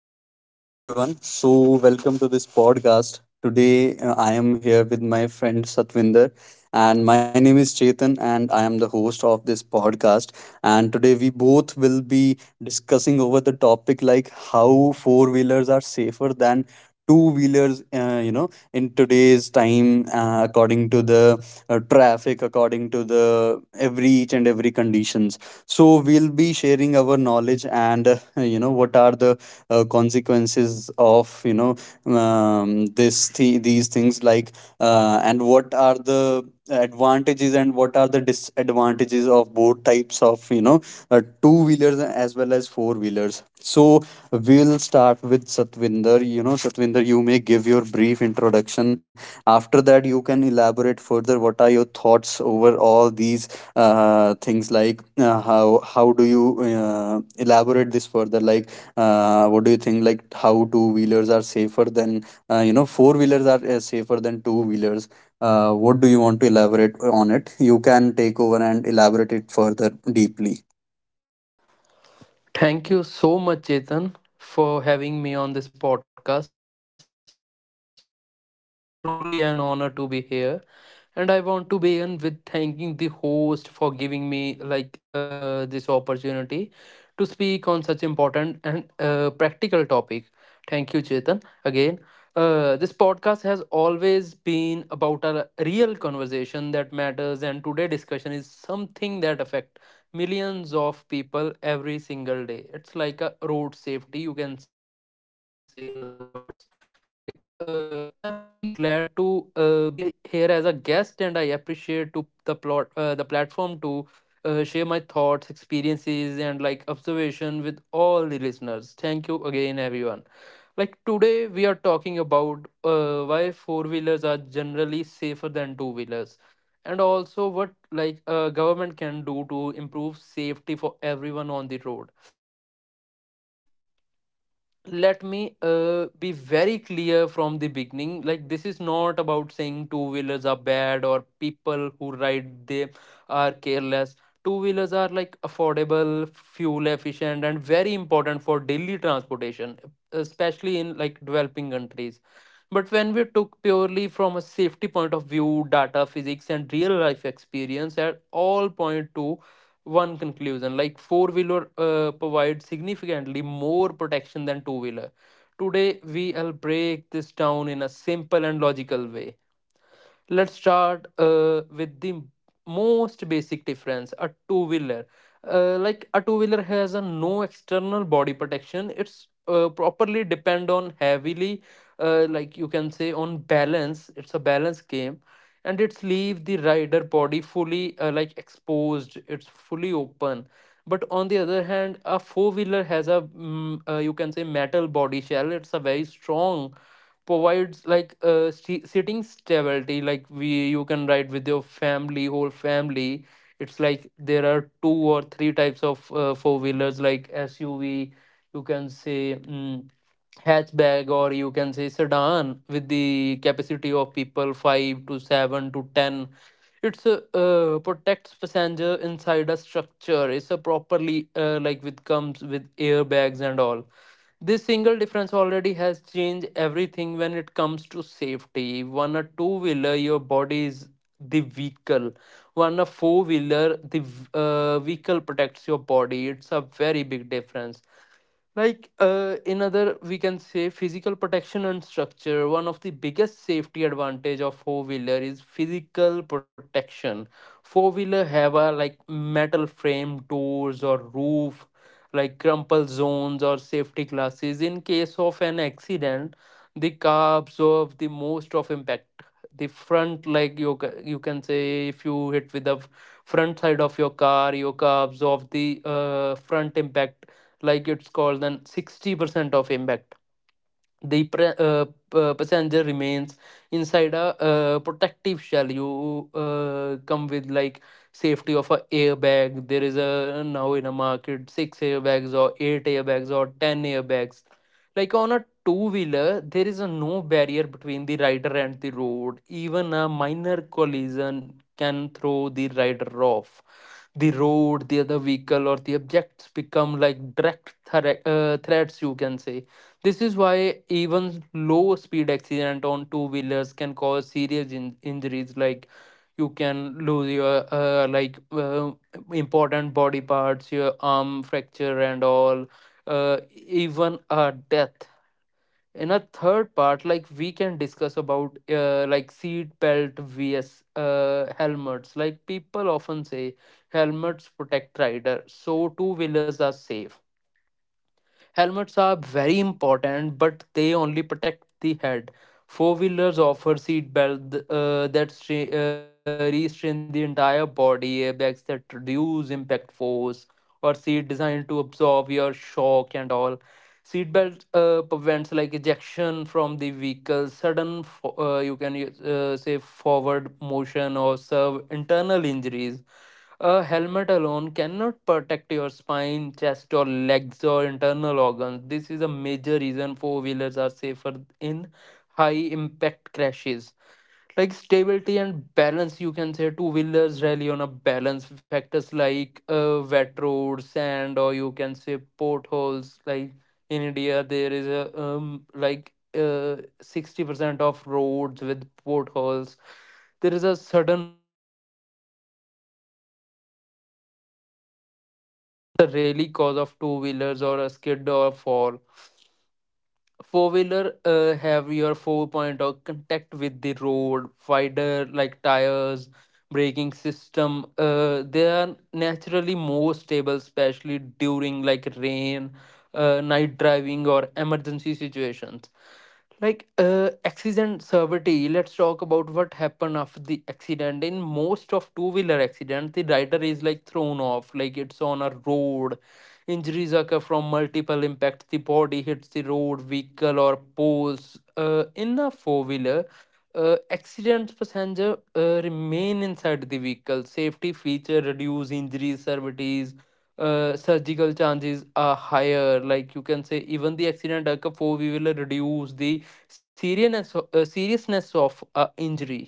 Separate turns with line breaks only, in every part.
Hello and welcome everyone. So welcome to this podcast. Today I am here with my friend Satvinder, and my name is Chetan, and I am the host of this podcast. And today we both will be discussing over the topic like how four wheelers are safer than two wheelers in today's time, according to the traffic, according to the every each and every conditions. So we'll be sharing our knowledge, and what are the consequences of, this these things, like and what are the advantages and what are the disadvantages of both types of, two wheelers as well as four wheelers. So we'll start with Satvinder. Satvinder, you may give your brief introduction. After that you can elaborate further, what are your thoughts over all these things, like how do you elaborate this further, like what do you think, like how two wheelers are safer than, four wheelers are safer than two wheelers, what do you want to elaborate on it? You can take over and elaborate it further deeply.
Thank you so much, Chetan, for having me on this podcast. It's a truly an honor to be here. And I want to begin with thanking the host for giving me like this opportunity to speak on such important and practical topic. Thank you, Chetan. Again, this podcast has always been about a real conversation that matters, and today discussion is something that affect millions of people every single day. It's like a road safety, you can say, in other words. Like, I'm really glad to be here as a guest, and I appreciate to the the platform to share my thoughts, experiences, and like observation with all the listeners. Thank you again, everyone. Like today, we are talking about why four wheelers are generally safer than two wheelers, and also what like government can do to improve safety for everyone on the road. Let me be very clear from the beginning, like this is not about saying two wheelers are bad or people who ride them are careless. Two wheelers are like affordable, fuel efficient, and very important for daily transportation, especially in like developing countries. But when we took purely from a safety point of view, data, physics, and real life experience, at all point to one conclusion, like four wheeler provides significantly more protection than two wheeler. Today we'll break this down in a simple and logical way. Start with the most basic difference, a two wheeler like a two wheeler has a no external body protection. It's properly depend on heavily, like you can say on balance, it's a balance game, and it's leave the rider body fully like exposed, it's fully open. But on the other hand a four wheeler has a you can say metal body shell, it's a very strong, provides like sitting stability, like we you can ride with your family. It's like there are two or three types of four wheelers, like SUV, you can say, hatchback, or you can say sedan, with the capacity of people 5 to 7 to 10. It's a, protects passenger inside a structure, it's a properly like with comes with airbags and all. This single difference already has changed everything when it comes to safety. One a two wheeler your body is the vehicle. One a four wheeler the vehicle protects your body, it's a very big difference. Like in other, we can say physical protection and structure. One of the biggest safety advantage of four wheeler is physical protection. Four wheeler have a like metal frame, doors or roof, like crumple zones or safety glasses. In case of an accident, the car absorb the most of impact. The front, like you you can say, if you hit with the front side of your car absorb the front impact, like it's called then 60% of impact. The passenger remains inside a protective shell, you come with like safety of a airbag. There is a now in a market six airbags or eight airbags or 10 airbags. Like on a two wheeler there is a no barrier between the rider and the road. Even a minor collision can throw the rider off the road, the other vehicle, or the objects become like direct threats, you can say. This is why even low speed accident on two wheelers can cause serious injuries, like you can lose your important body parts, your arm fracture, and all. Uh, Even a death. In a third part, like we can discuss about like seat belt vs helmets, like people often say helmets protect rider so two wheelers are safe. Helmets are very important, but they only protect the head. Four wheelers offer seat belt that restrain the entire body, airbags that reduce impact force, or seat designed to absorb your shock and all. Seat belt prevents like ejection from the vehicle, sudden you can use, say forward motion or serve internal injuries. A helmet alone cannot protect your spine, chest, or legs or internal organs. This is a major reason four wheelers are safer in high impact crashes. Like stability and balance, you can say two wheelers rely on a balance factors like wet road, sand, or you can say potholes. Like in India, there is a 60% of roads with potholes. There is a sudden really cause of two wheelers or a skid or fall. Four wheeler have your 4 point of contact with the road, wider like tires, braking system. They are naturally more stable, especially during like rain, night driving or emergency situations. Like accident severity, let's talk about what happened after the accident. In most of two-wheeler accident, the rider is like thrown off, like it's on a road. Injuries occur from multiple impacts. The body hits the road, vehicle, or poles. In a four-wheeler accident, passenger remain inside the vehicle. Safety feature reduce injuries, severities, surgical chances are higher, like you can say even the accident occur for we will reduce the seriousness of injury.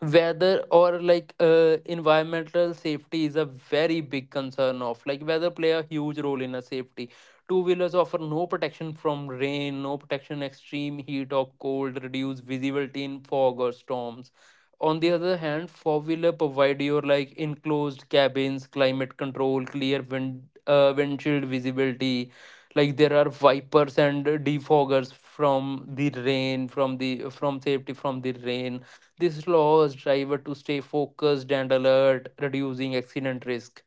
Weather or like environmental safety is a very big concern of like weather play a huge role in a safety. Two wheelers offer no protection from rain, no protection extreme heat or cold, reduce visibility in fog or storms. On the other hand four wheeler provide your like enclosed cabins, climate control, clear windshield visibility, like there are wipers and defoggers from the rain, from the from safety from the rain. This allows driver to stay focused and alert, reducing accident risk.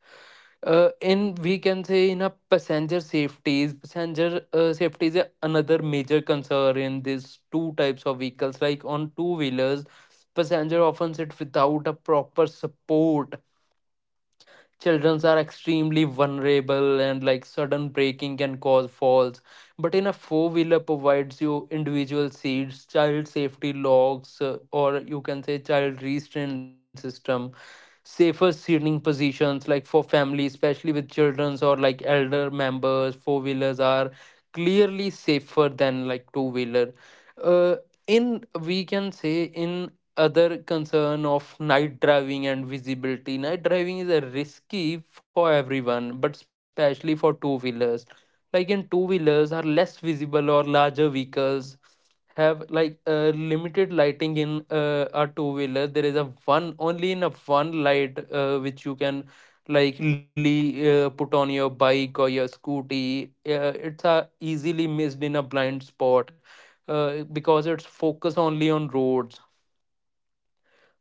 In we can say in a passenger safety is another major concern in these two types of vehicles. Like on two wheelers, passenger often sit without a proper support. Children are extremely vulnerable and like sudden braking can cause falls. But in a four wheeler provides you individual seats, child safety locks, or you can say child restraint system, safer seating positions, like for family, especially with childrens or like elder members, four wheelers are clearly safer than like two wheeler. In we can say in other concern of night driving and visibility, night driving is a risky for everyone but especially for two wheelers. Like in two wheelers are less visible or larger vehicles, have like limited lighting. In a two wheeler there is a one only a one light which you can like legally put on your bike or your scooty. It's easily missed in a blind spot, because it's focused only on roads.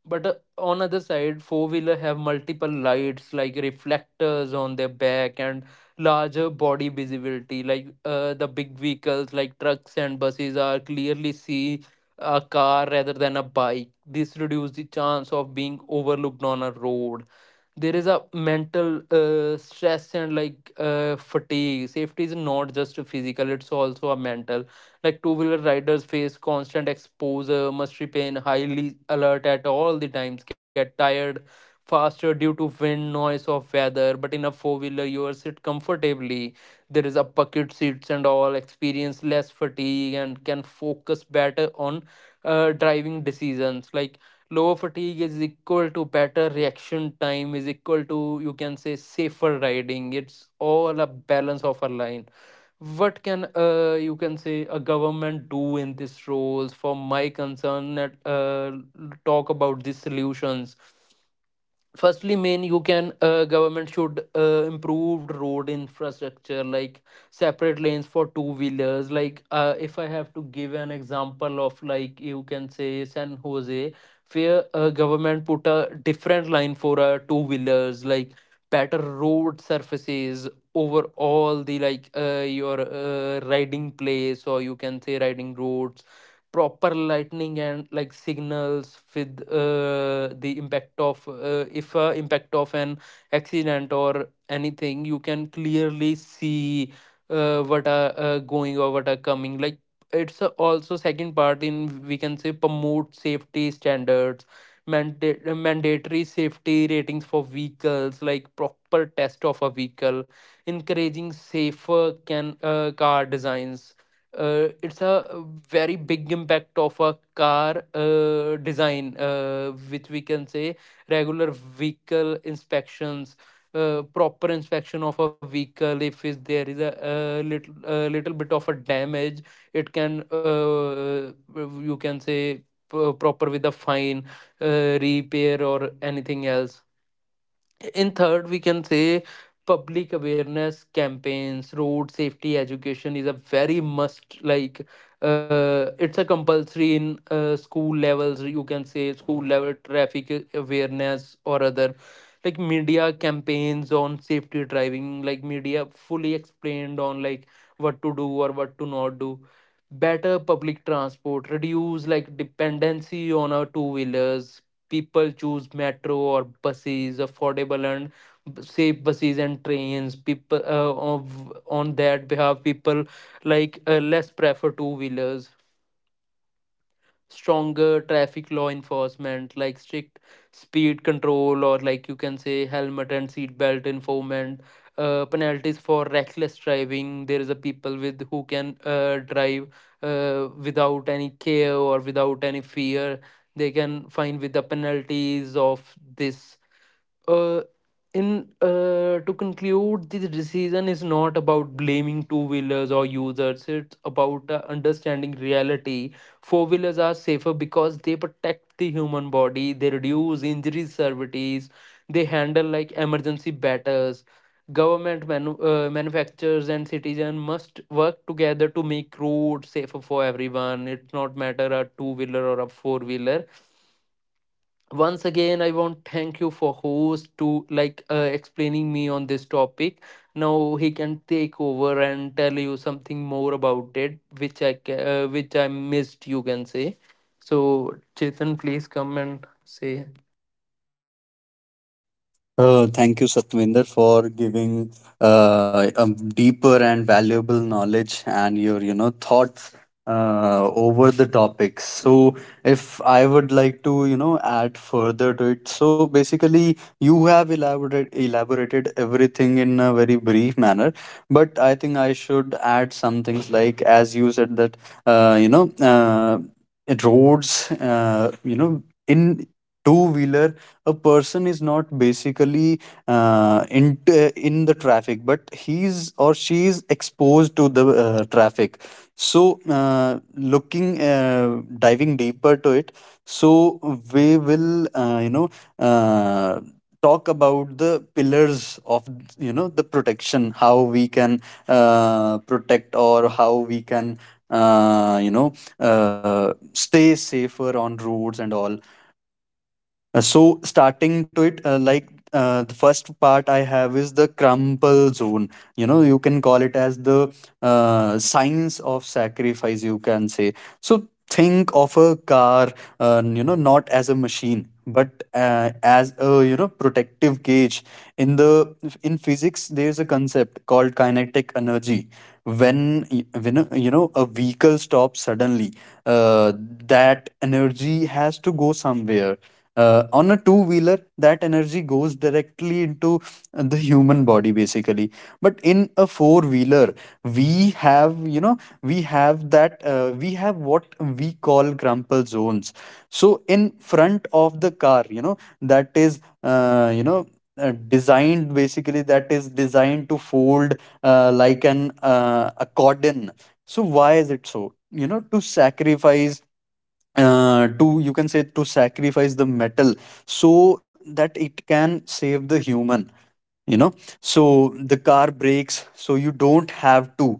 But on other side four wheeler have multiple lights like reflectors on their back and larger body visibility, like the big vehicles like trucks and buses are clearly see a car rather than a bike. This reduces the chance of being overlooked on a road. There is a mental stress and like fatigue. Safety is not just physical, it's also a mental. Like two-wheeler riders face constant exposure, must remain highly alert at all the times, get tired faster due to wind noise of weather. But in a four-wheeler you are sit comfortably, there is a bucket seats and all, experience less fatigue and can focus better on driving decisions. Like lower fatigue is equal to better reaction time is equal to you can say safer riding, it's all a balance of a line. What can you can say a government do in these roles for my concern, that talk about these solutions. Firstly main, you can government should improve road infrastructure, like separate lanes for two wheelers. Like if I have to give an example of, like, you can say San Jose, where government put a different line for two wheelers. Like better road surfaces over all the like your riding place, or you can say riding roads. Proper lightning and like signals, with the impact of if a impact of an accident or anything you can clearly see what are going or what are coming. Like it's a also second part, in we can say promote safety standards, mandatory safety ratings for vehicles, like proper test of a vehicle, encouraging safer can car designs. It's a very big impact of a car design, which we can say regular vehicle inspections. Proper inspection of a vehicle, if is there is a, little a little bit of a damage, it can you can say proper with a fine, repair or anything else. In third we can say public awareness campaigns Road safety education is a very must. Like It's a compulsory in school levels, you can say, school level traffic awareness or other, like media campaigns on safety driving, like media fully explained on like what to do or what to not do. Better public transport reduce like dependency on our two wheelers. People choose metro or buses, affordable and safe buses and trains. People, of, on that behalf people like less prefer two wheelers. Stronger traffic law enforcement, like strict speed control or, like you can say, helmet and seat belt enforcement. Penalties for reckless driving. There is a people with who can drive without any care or without any fear. They can fine with the penalties of this. uh, in to conclude, this decision is not about blaming two wheelers or users. It's about understanding reality. Four wheelers are safer because they protect the human body, they reduce injuries, severities, they handle like emergency batters. Government manufacturers and citizen must work together to make roads safer for everyone. It's not matter a two wheeler or a four wheeler. Once again, I want thank you for host to like explaining me on this topic. Now he can take over and tell you something more about it, which which I missed, you can say. So Chetan, please come and say.
Thank you, Satvinder, for giving a deeper and valuable knowledge and your, thoughts over the topic. So, if I would like to, add further to it. So, basically, you have elaborated everything in a very brief manner, but I think I should add some things like, as you said that, uh, you know, uh, roads, in two wheeler a person is not basically uh, in in the traffic, but he's or she is exposed to the traffic. So looking, diving deeper to it, so we will uh, talk about the pillars of, the protection, how we can protect, or how we can uh, you know stay safer on roads and all. So starting to it, like the first part I have is the crumple zone. You know, you can call it as the science of sacrifice, you can say so. Think of a car, not as a machine, but as a, protective cage. In the in physics, there's a concept called kinetic energy. When y- when a- you know A vehicle stops suddenly, uh, that energy has to go somewhere. On a two wheeler, that energy goes directly into the human body basically. But in a four wheeler, we have you know we have what we call crumple zones. So in front of the car, you know, that is designed, basically, that is designed to fold like an accordion. So why is it so? You know, to sacrifice, to you can say, to sacrifice the metal so that it can save the human, you know. So the car breaks, so you don't have to.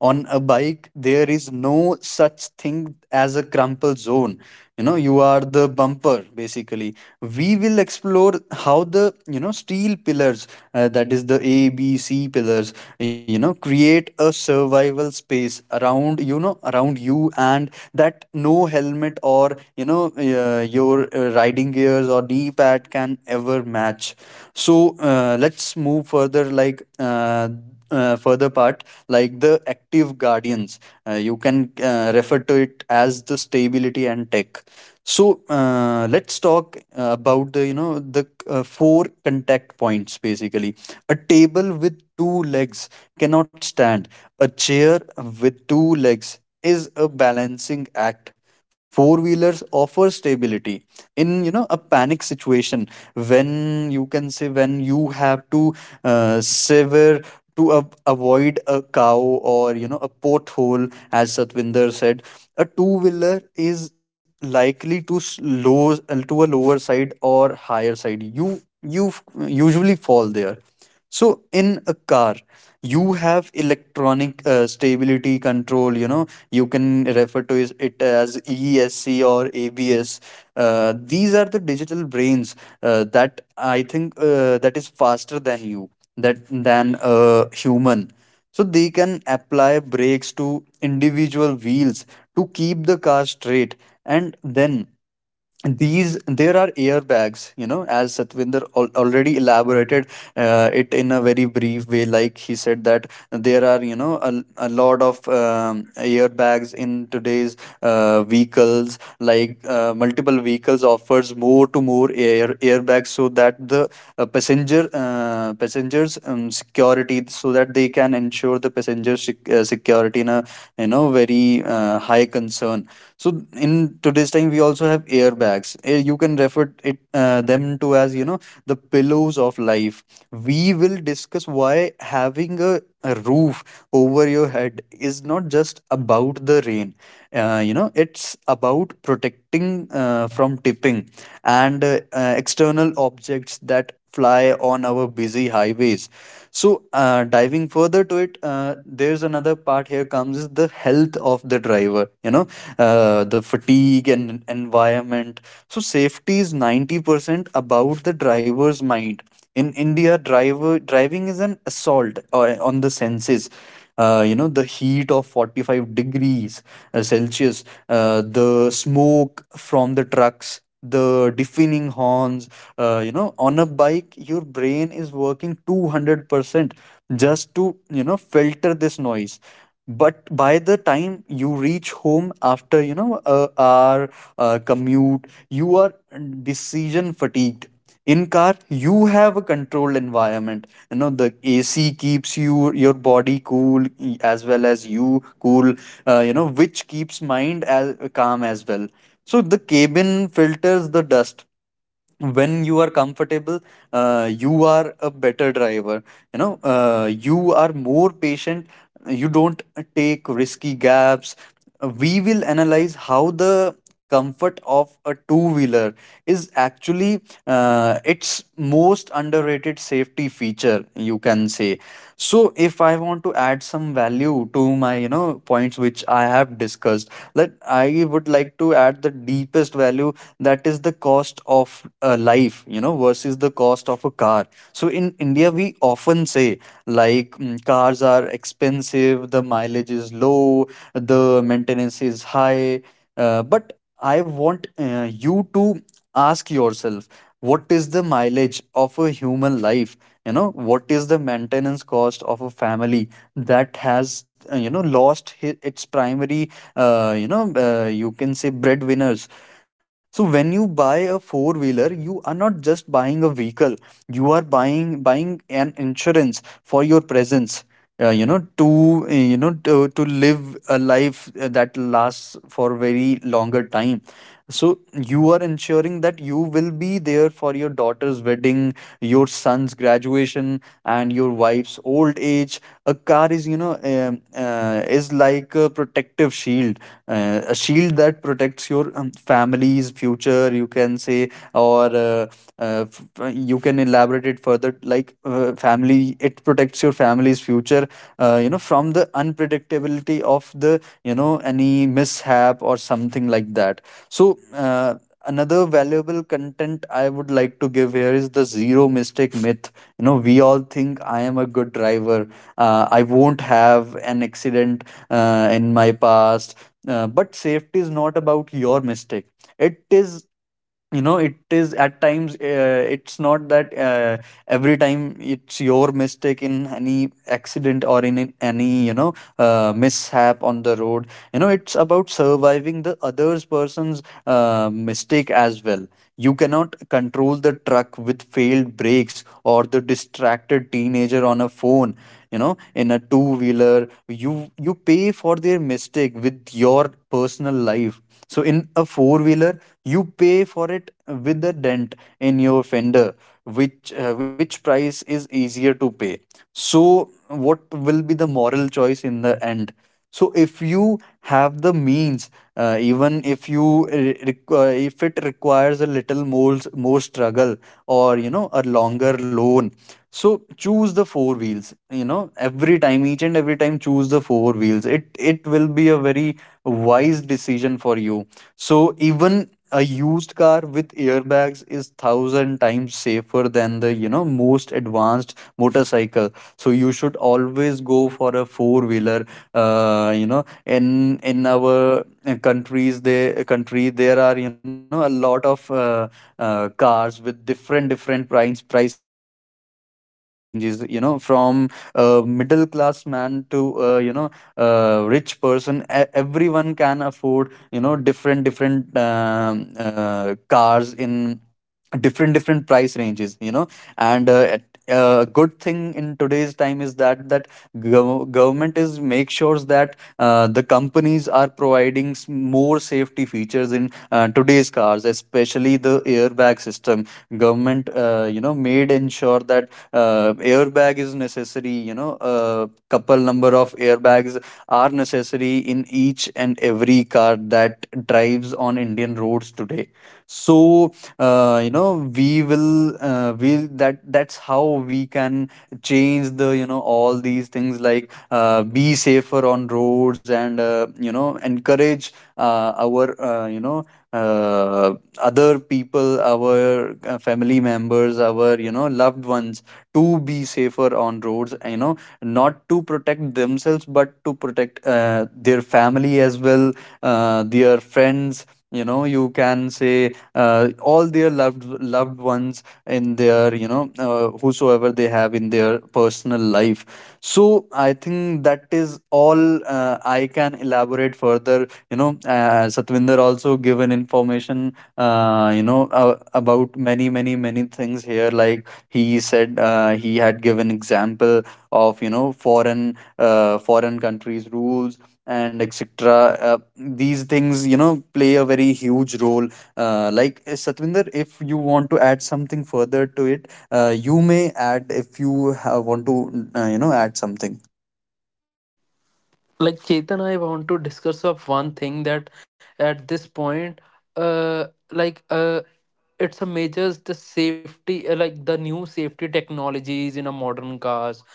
On a bike, there is no such thing as a crumple zone. You know, you are the bumper basically. We will explore how the, you know, steel pillars, that is the ABC pillars, you know, create a survival space around, you know, around you, and that no helmet or, you know, your riding gears or knee pad can ever match. So let's move further, like further part, like the active guardians. You can refer to it as the stability and tech. So let's talk about the, you know, the four contact points basically. A table with two legs cannot stand. A chair with two legs is a balancing act. Four wheelers offer stability in, you know, a panic situation, when, you can say, when you have to sever to a avoid a cow, or, you know, a pothole. As Satvinder said, a two wheeler is likely to slow to a lower side or higher side. You f- usually fall there. So in a car, you have electronic stability control. You know, you can refer to it as ESC or ABS. These are the digital brains, that, I think, that is faster than you, that than a human. So they can apply brakes to individual wheels to keep the car straight, and then these there are airbags, you know, as Satvinder already elaborated it in a very brief way, like he said that there are, you know, a lot of airbags in today's vehicles, like multiple vehicles offers more airbags, so that the passenger, passengers security, so that they can ensure the passenger security in a, you know, very high concern. So in today's time, we also have airbags. You can refer it, them to as, you know, the pillows of life. We will discuss why having a roof over your head is not just about the rain. It's about protecting from tipping and external objects that fly on our busy highways. So, diving further to it, there's another part here comes is the health of the driver, you know, the fatigue and environment. So, safety is 90% about the driver's mind. In India, driver driving is an assault on the senses, you know, the heat of 45 degrees Celsius, the smoke from the trucks, the deafening horns. You know, on a bike your brain is working 200% just to, you know, filter this noise. But by the time you reach home after, you know, a hour commute, you are decision fatigued. In car you have a controlled environment, you know, the AC keeps your body cool, as well as you cool, which keeps mind as calm as well. So the cabin filters the dust. When you are comfortable, you are a better driver. You know, you are more patient, you don't take risky gaps. We will analyze how the comfort of a two wheeler is actually its most underrated safety feature, you can say. So if I want to add some value to my, you know, points which I have discussed, let I would like to add the deepest value, that is the cost of life, versus the cost of a car. So in India we often say, like, cars are expensive, the mileage is low, the maintenance is high. But I want you to ask yourself, what is the mileage of a human life? You know, what is the maintenance cost of a family that has lost its primary you can say breadwinners? So when you buy a four wheeler, you are not just buying a vehicle, you are buying an insurance for your presence. To live a life that lasts for very longer time. So you are ensuring that you will be there for your daughter's wedding, your son's graduation, and your wife's old age. A car is, you know, is like a protective shield, a shield that protects your family's future, you can say, or you can elaborate it further, like family, it protects your family's future, you know, from the unpredictability of the, you know, any mishap or something like that. So another valuable content I would like to give here is the zero mistake myth. You know, we all think I am a good driver. I won't have an accident in my past. But safety is not about your mistake. It is it is at times, it's not that, every time it's your mistake in any accident or in any, you know, mishap on the road. You know, it's about surviving the others person's mistake as well. You cannot control the truck with failed brakes or the distracted teenager on a phone, you know, in a two-wheeler. You pay for their mistake with your personal life. So in a four-wheeler, you pay for it with a dent in your fender. Which price is easier to pay? So what will be the moral choice in the end? So if you have the means, even if you if it requires a little more struggle or, you know, a longer loan, so choose the four wheels. You know, every time, each and every time, choose the four wheels. It will be a very wise decision for you. So even a used car with airbags is thousand times safer than the, you know, most advanced motorcycle. So you should always go for a four wheeler. You know, in our countries they country there are, you know, a lot of cars with different different price ranges, you know, from middle class man to uh, you know rich person. Everyone can afford, you know, different different uh, cars in different different price ranges, you know. And a good thing in today's time is that government is make sure that the companies are providing more safety features in today's cars, especially the airbag system. Government, you know, made ensure that airbag is necessary, you know, couple number of airbags are necessary in each and every car that drives on Indian roads today. So uh, you know we will we that's how we can change the, you know, all these things, like be safer on roads and, you know, encourage our uh, you know uh, other people, our family members, our, you know, loved ones to be safer on roads, you know, not to protect themselves but to protect their family as well, their friends. You know, you can say, all their loved ones in their, you know, whosoever they have in their personal life, so I think that is all. I can elaborate further, you know. Satvinder also given information, uh, you know uh, about many things here. Like he said, he had given example of, you know, foreign foreign countries rules and etc. uh, these things, you know, play a very huge role. Like, Satvinder, if you want to add something further to it, you may add if you want to, you know, add something.
Like Chetan, I want to discuss of one thing, that at this point, uh, like uh, it's a major, the safety, like the new safety technologies in a modern cars.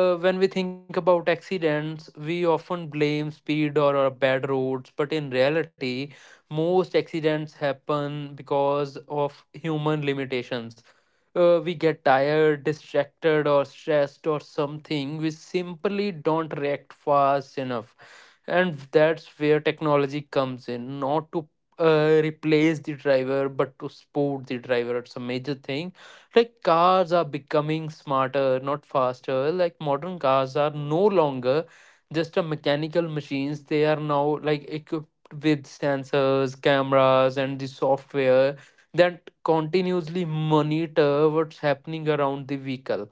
When we think about accidents, we often blame speed or bad roads, but in reality, most accidents happen because of human limitations. We get tired, distracted, or stressed, or something, we simply don't react fast enough. And that's where technology comes in, not to replace the driver, but to support the driver. It's a major thing. Like, cars are becoming smarter, not faster. Like, modern cars are no longer just a mechanical machines. They are now like equipped with sensors, cameras, and the software that continuously monitor what's happening around the vehicle.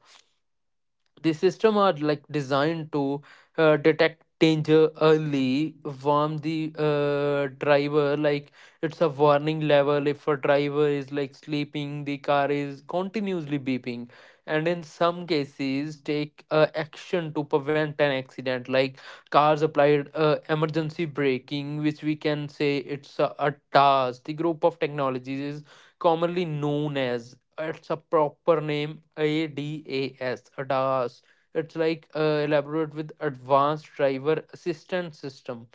The system are like designed to detect danger early, warn the driver. Like it's a warning level, if a driver is like sleeping, the car is continuously beeping, and in some cases take action to prevent an accident. Like cars applied emergency braking, which we can say it's a task. The group of technologies is commonly known as, it's a proper name, ADAS. ADAS. It's like elaborate with advanced driver assistance system.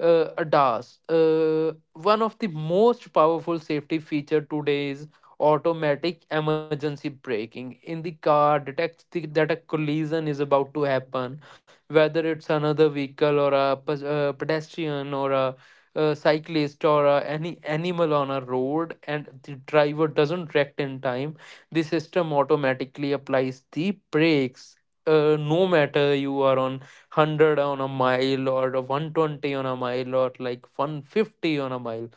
ADAS, one of the most powerful safety feature today is automatic emergency braking. In the car, detects the, that a collision is about to happen, whether it's another vehicle or a, pedestrian or a, cyclist or any animal on a road, and the driver doesn't react in time. The system automatically applies the brakes. No matter you are on 100 on a mile or 120 on a mile or like 150 on a mile,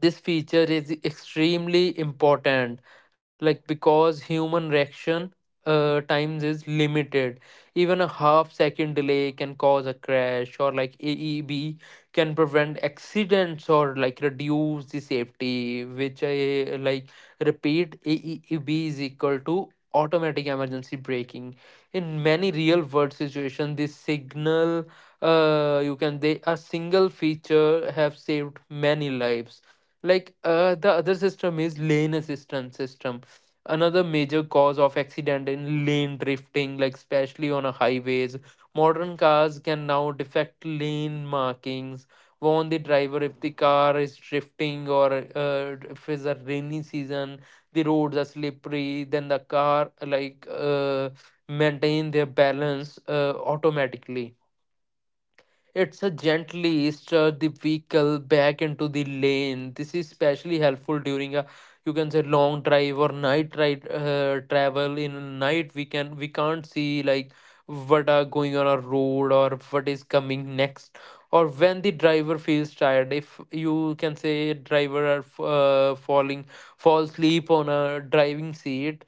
this feature is extremely important, like because human reaction times is limited. Even a half second delay can cause a crash. Like AEB can prevent accidents or like reduce the safety, which I like repeat, AEB is equal to automatic emergency braking. In many real world situations, this signal, you can, they a single feature have saved many lives. Like the other system is lane assistance system. Another major cause of accident in lane drifting, like especially on a highways. Modern cars can now defect lane markings, warn the driver if the car is drifting, or if it's a rainy season, the roads are slippery, then the car like maintain their balance automatically. It's a gently stir the vehicle back into the lane. This is especially helpful during a, you can say, long drive or night ride travel. In night, we can't see like what are going on a road or what is coming next, or when the driver feels tired. If you can say driver are fall asleep on a driving seat,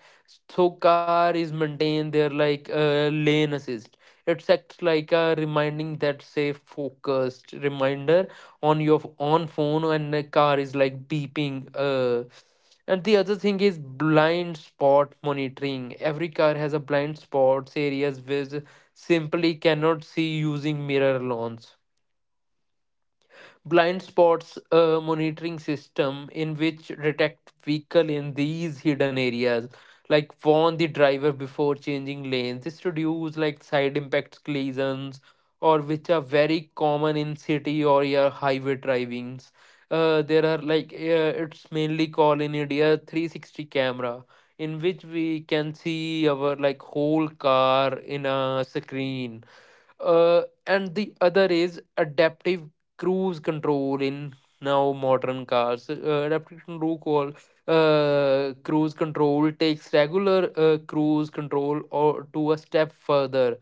so car is maintain their like lane assist. It's acts like a reminding that say focused reminder on your on phone, and the car is like beeping. And the other thing is blind spot monitoring. Every car has a blind spots areas which simply cannot see using mirror alone. Blind spots a monitoring system in which detect vehicle in these hidden areas, like warn the driver before changing lanes. This reduce like side impact collisions, or which are very common in city or your highway drivings. There are like it's mainly called in India 360 camera, in which we can see our like whole car in a screen. Uh, and the other is adaptive cruise control. In now modern cars, adaptive control call, cruise control takes regular cruise control or to a step further.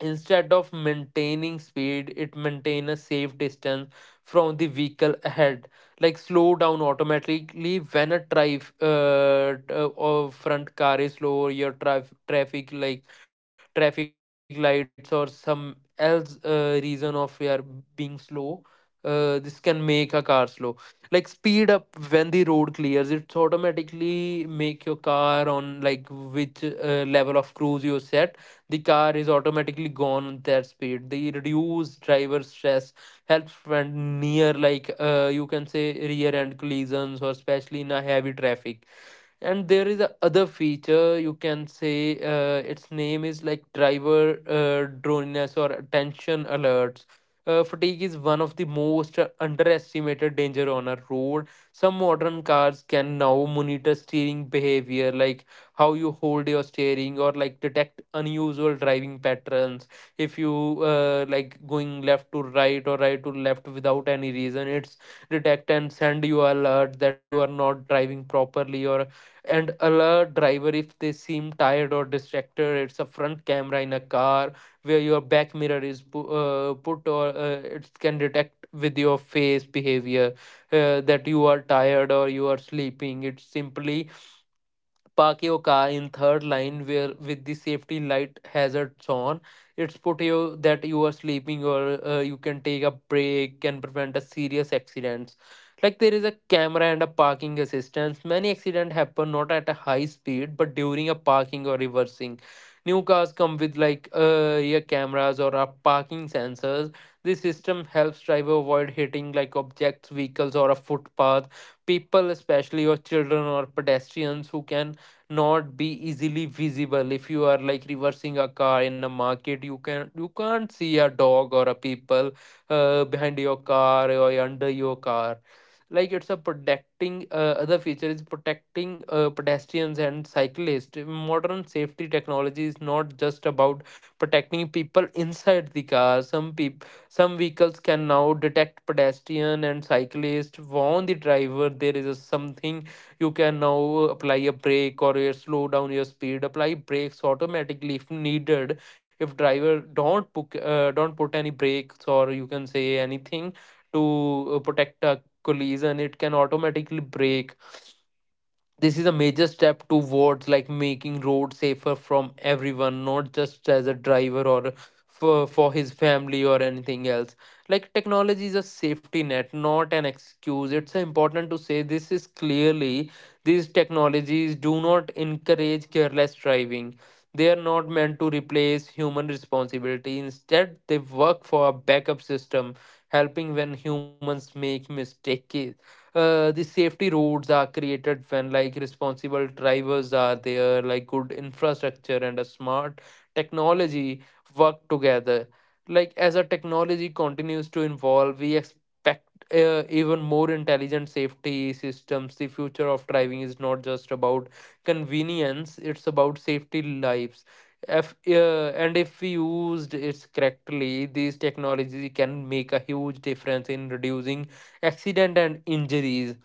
Instead of maintaining speed, it maintain a safe distance from the vehicle ahead, like slow down automatically when or front car is slow, or your traffic, like traffic lights or some else reason of your being slow. This can make a car slow. Like speed up when the road clears, it's automatically make your car on like which level of cruise you set, the car is automatically gone at that speed. They reduce driver stress, helps prevent near, like you can say, rear end collisions, or especially in a heavy traffic. And there is a other feature, can say its name is like driver droniness or attention alerts. Fatigue is one of the most underestimated danger on a road. Some modern cars can now monitor steering behavior, like how you hold your steering, or like detect unusual driving patterns. If you like going left to right or right to left without any reason, it's detect and send you alert that you are not driving properly, or and alert driver if they seem tired or distracted. It's a front camera in a car where your back mirror is put, or it can detect with your face behavior that you are tired or you are sleeping. It simply park your car in third line where with the safety light hazards on. It's put you that you are sleeping, or you can take a break and prevent a serious accidents. Like there is a camera and a parking assistance. Many accidents happen not at a high speed, but during a parking or reversing. New cars come with like rear cameras or a parking sensors. This system helps driver avoid hitting like objects, vehicles or a footpath people, especially or children or pedestrians who can not be easily visible. If you are like reversing a car in a market, you can't see a dog or a people behind your car or under your car. Like it's a protecting other feature is protecting pedestrians and cyclists. Modern safety technology is not just about protecting people inside the car. Some people, some vehicles can now detect pedestrian and cyclist, warn the driver there is a something. You can now apply a brake or a slow down your speed, apply brakes automatically if needed. If driver don't put any brakes or you can say anything to protect a collision, it can automatically brake. This is a major step towards like making roads safer from everyone, not just as a driver, or for his family or anything else. Like technology is a safety net, not an excuse. It's important to say this is clearly, these technologies do not encourage careless driving. They are not meant to replace human responsibility. Instead they work for a backup system, helping when humans make mistakes. The safety roads are created when like responsible drivers are there, like good infrastructure and a smart technology work together. Like as our technology continues to evolve, we expect even more intelligent safety systems. The future of driving is not just about convenience, it's about safety lives. If, and if we used it correctly, these technologies can make a huge difference in reducing accident and injuries.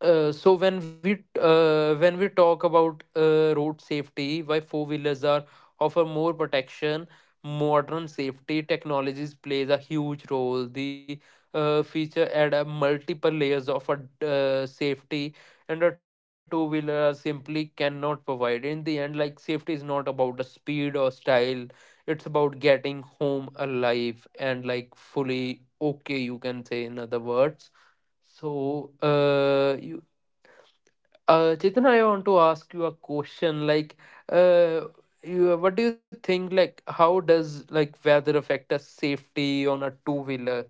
So when we talk about road safety, why four wheelers are offer more protection, modern safety technologies plays a huge role. The feature add a multiple layers of a safety, and a two wheeler simply cannot provide. In the end, like safety is not about the speed or style; it's about getting home alive and like fully okay. You can say in other words. So, you. Chetan, I want to ask you a question. Like, uh, you, what do you think? Like, how does like weather affect us safety on a two wheeler?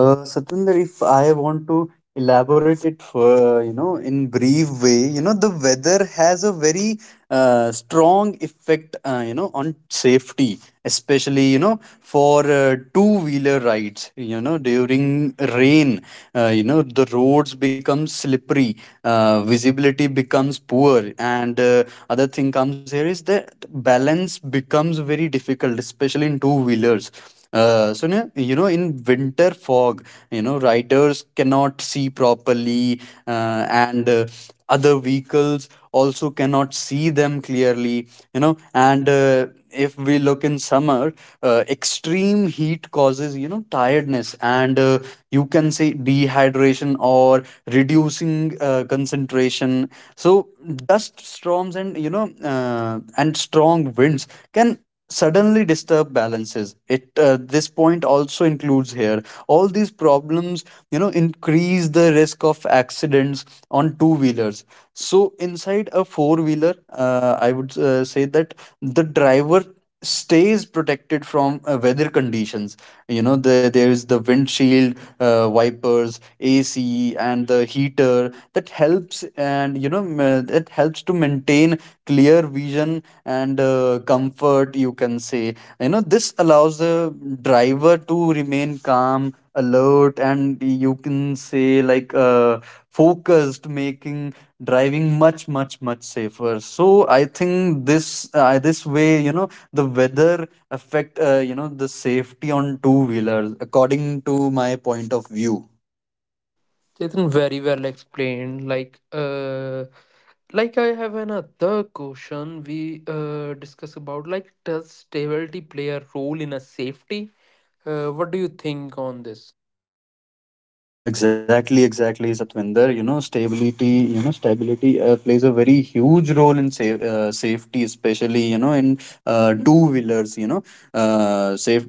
Satinder, if I want to elaborate it for, you know, in brief way, you know, the weather has a very strong effect, you know, on safety, especially, you know, for two-wheeler rides. You know, during rain, you know, the roads become slippery, visibility becomes poor, and, other thing comes here is that balance becomes very difficult, especially in two-wheelers. So now, you know, in winter fog, you know, riders cannot see properly, and other vehicles also cannot see them clearly. You know, and, if we look in summer, extreme heat causes, you know, tiredness, and, you can say dehydration or reducing concentration. So dust storms and, you know, and strong winds can suddenly disturb balances. It This point also includes here all these problems, you know, increase the risk of accidents on two wheelers. So inside a four wheeler, I would, say that the driver stays protected from weather conditions. You know, there's the windshield, wipers, AC and the heater, that helps, and, you know, that helps to maintain clear vision and, comfort, you can say. You know, this allows the driver to remain calm, alert, and you can say, like, focused, making driving much much much safer. So I think this, this way, you know, the weather affect, you know, the safety on two wheelers according to my point of view.
Chetan, very well explained. Like I have another question. We discuss about like does stability play a role in a safety? What do you think on this?
Exactly, exactly, Satvinder. You know, stability, you know, stability, plays a very huge role in safety, especially, you know, in two wheelers. You know, safe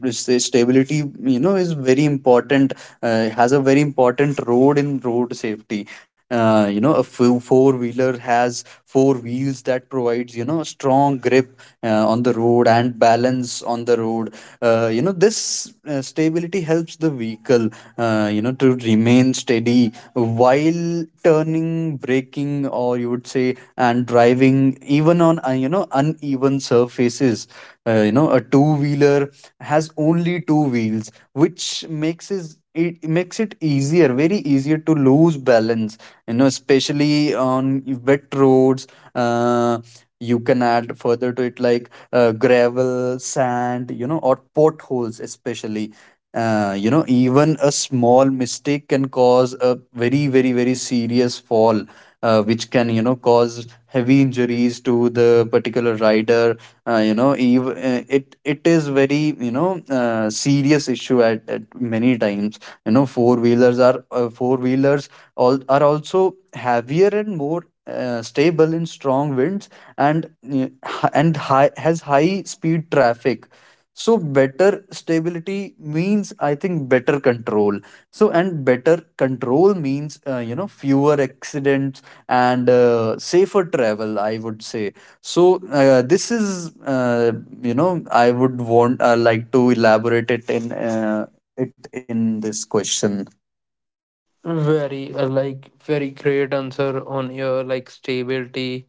stability, you know, is very important, has a very important role in road safety. You know, a four wheeler has four wheels that provides, you know, strong grip on the road and balance on the road. You know, this, stability helps the vehicle, you know, to remain steady while turning, braking, or you would say, and driving even on, you know, uneven surfaces. You know, a two wheeler has only two wheels, which makes it, makes it easier, very easier, to lose balance, you know, especially on wet roads. uh, you can add further to it, like, gravel, sand, you know, or potholes especially. You know, even a small mistake can cause a very very very serious fall, which can, you know, cause heavy injuries to the particular rider. It is very, you know, serious issue at many times. You know, four wheelers are, four wheelers all are also heavier and more, stable in strong winds and, high has high speed traffic. So better stability means, I think, better control. So and better control means, you know, fewer accidents and, safer travel, I would say. So, this is, you know, I would want, like, to elaborate it in, it in this question.
Very like very great answer on your like stability,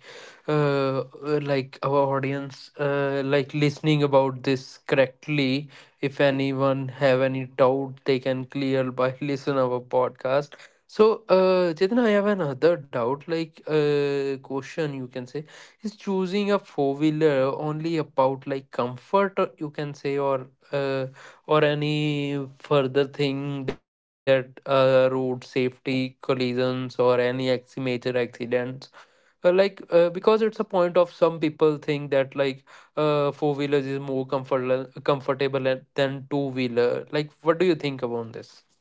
like our audience, like listening about this correctly. If anyone have any doubt, they can clear by listen our podcast. So, Chetan, I have another doubt, like question you can say, is choosing a four wheeler only about like comfort, or you can say, or any further thing that road safety collisions or any major accidents? Like because it's a point of some people think that like four wheelers is more comfortable than two wheeler, like what do you think about this?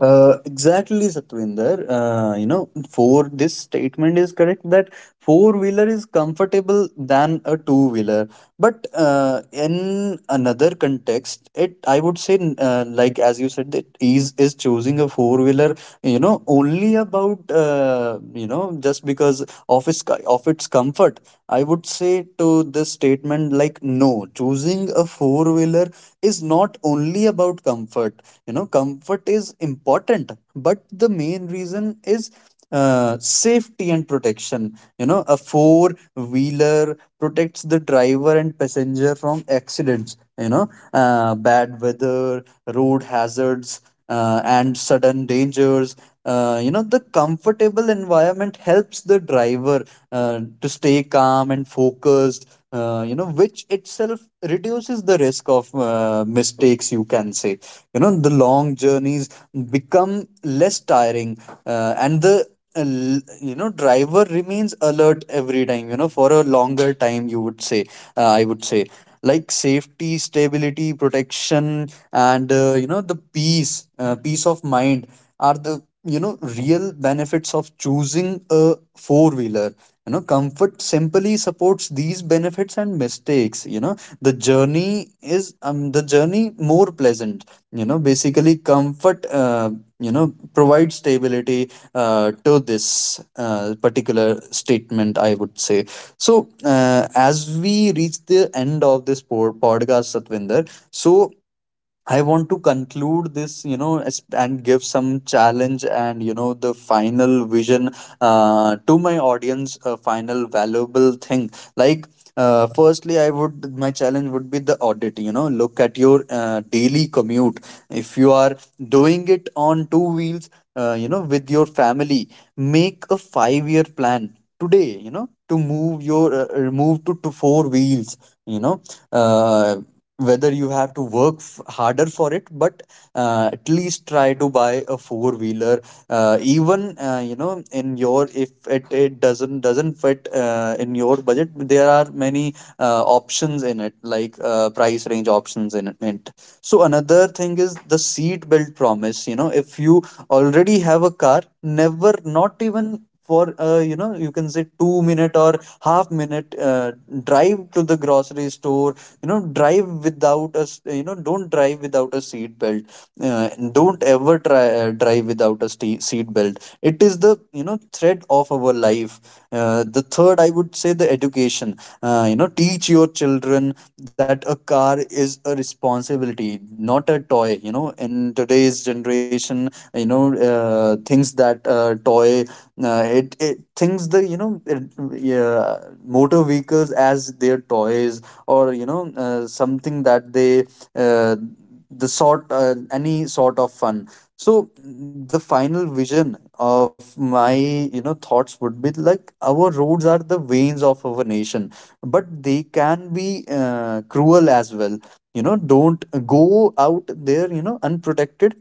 Exactly, Satwinder. You know, for this statement is correct that four wheeler is comfortable than a two wheeler, but, in another context, it, I would say, like as you said, that is choosing a four wheeler, you know, only about, you know, just because of its, of its comfort. I would say to this statement, like, no, choosing a four wheeler is not only about comfort. You know, comfort is important, but the main reason is, safety and protection. You know, a four wheeler protects the driver and passenger from accidents, you know, bad weather, road hazards, and sudden dangers. You know, the comfortable environment helps the driver to stay calm and focused, you know, which itself reduces the risk of mistakes, you can say. You know, the long journeys become less tiring, and the, you know, driver remains alert every time, you know, for a longer time, you would say. I would say, like, safety, stability, protection, and, you know, the peace, peace of mind are the, you know, real benefits of choosing a four wheeler. You know, comfort simply supports these benefits and mistakes, you know, the journey is the journey more pleasant. You know, basically, comfort, you know, provides stability, to this, particular statement, I would say. So, as we reach the end of this podcast, Satvinder, so I want to conclude this, you know, and give some challenge and, you know, the final vision to my audience, a final valuable thing. Like, firstly, I would, my challenge would be the audit, you know, look at your daily commute. If you are doing it on two wheels, you know, with your family, make a 5 year plan today, you know, to move your, move to four wheels, you know. Uh, Whether you have to work harder for it, but, at least try to buy a four wheeler, even, you know, in your, if it doesn't fit, in your budget, there are many options in it, like, price range options in it. So another thing is the seat belt promise. You know, if you already have a car, never, not even for, you know, you can say 2 minute or half minute drive to the grocery store, you know, drive without a s- you know don't drive without a seat belt. Don't ever try, drive without a ste seat belt. It is the, you know, thread of our life. The third, I would say, the education. You know, teach your children that a car is a responsibility, not a toy. You know, in today's generation, you know, things that, toy, it, it thinks the, you know, it, yeah, motor vehicles as their toys, or, you know, something that they. Uh, the sort, any sort of fun. So the final vision of my, you know, thoughts would be like, our roads are the veins of our nation, but they can be, cruel as well. You know, don't go out there, you know, unprotected.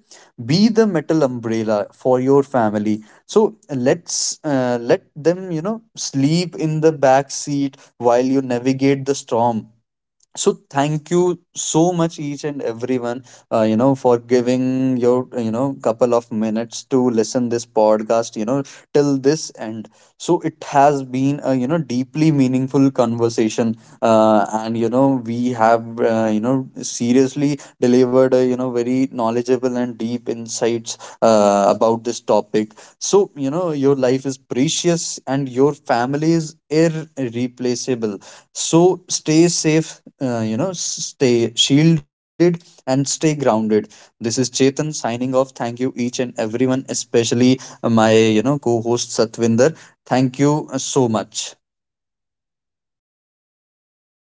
Be the metal umbrella for your family. So let's, let them, you know, sleep in the back seat while you navigate the storm. So thank you so much, each and everyone, you know, for giving your, you know, couple of minutes to listen this podcast. You know, till this end, so it has been a, you know, deeply meaningful conversation, and, you know, we have, you know, seriously delivered a, you know, very knowledgeable and deep insights, about this topic. So, you know, your life is precious and your family is irreplaceable. So, stay safe, you know, stay shielded and stay grounded. This is Chetan signing off. Thank you, each and everyone, especially my, you know, co host Satvinder. Thank you so much.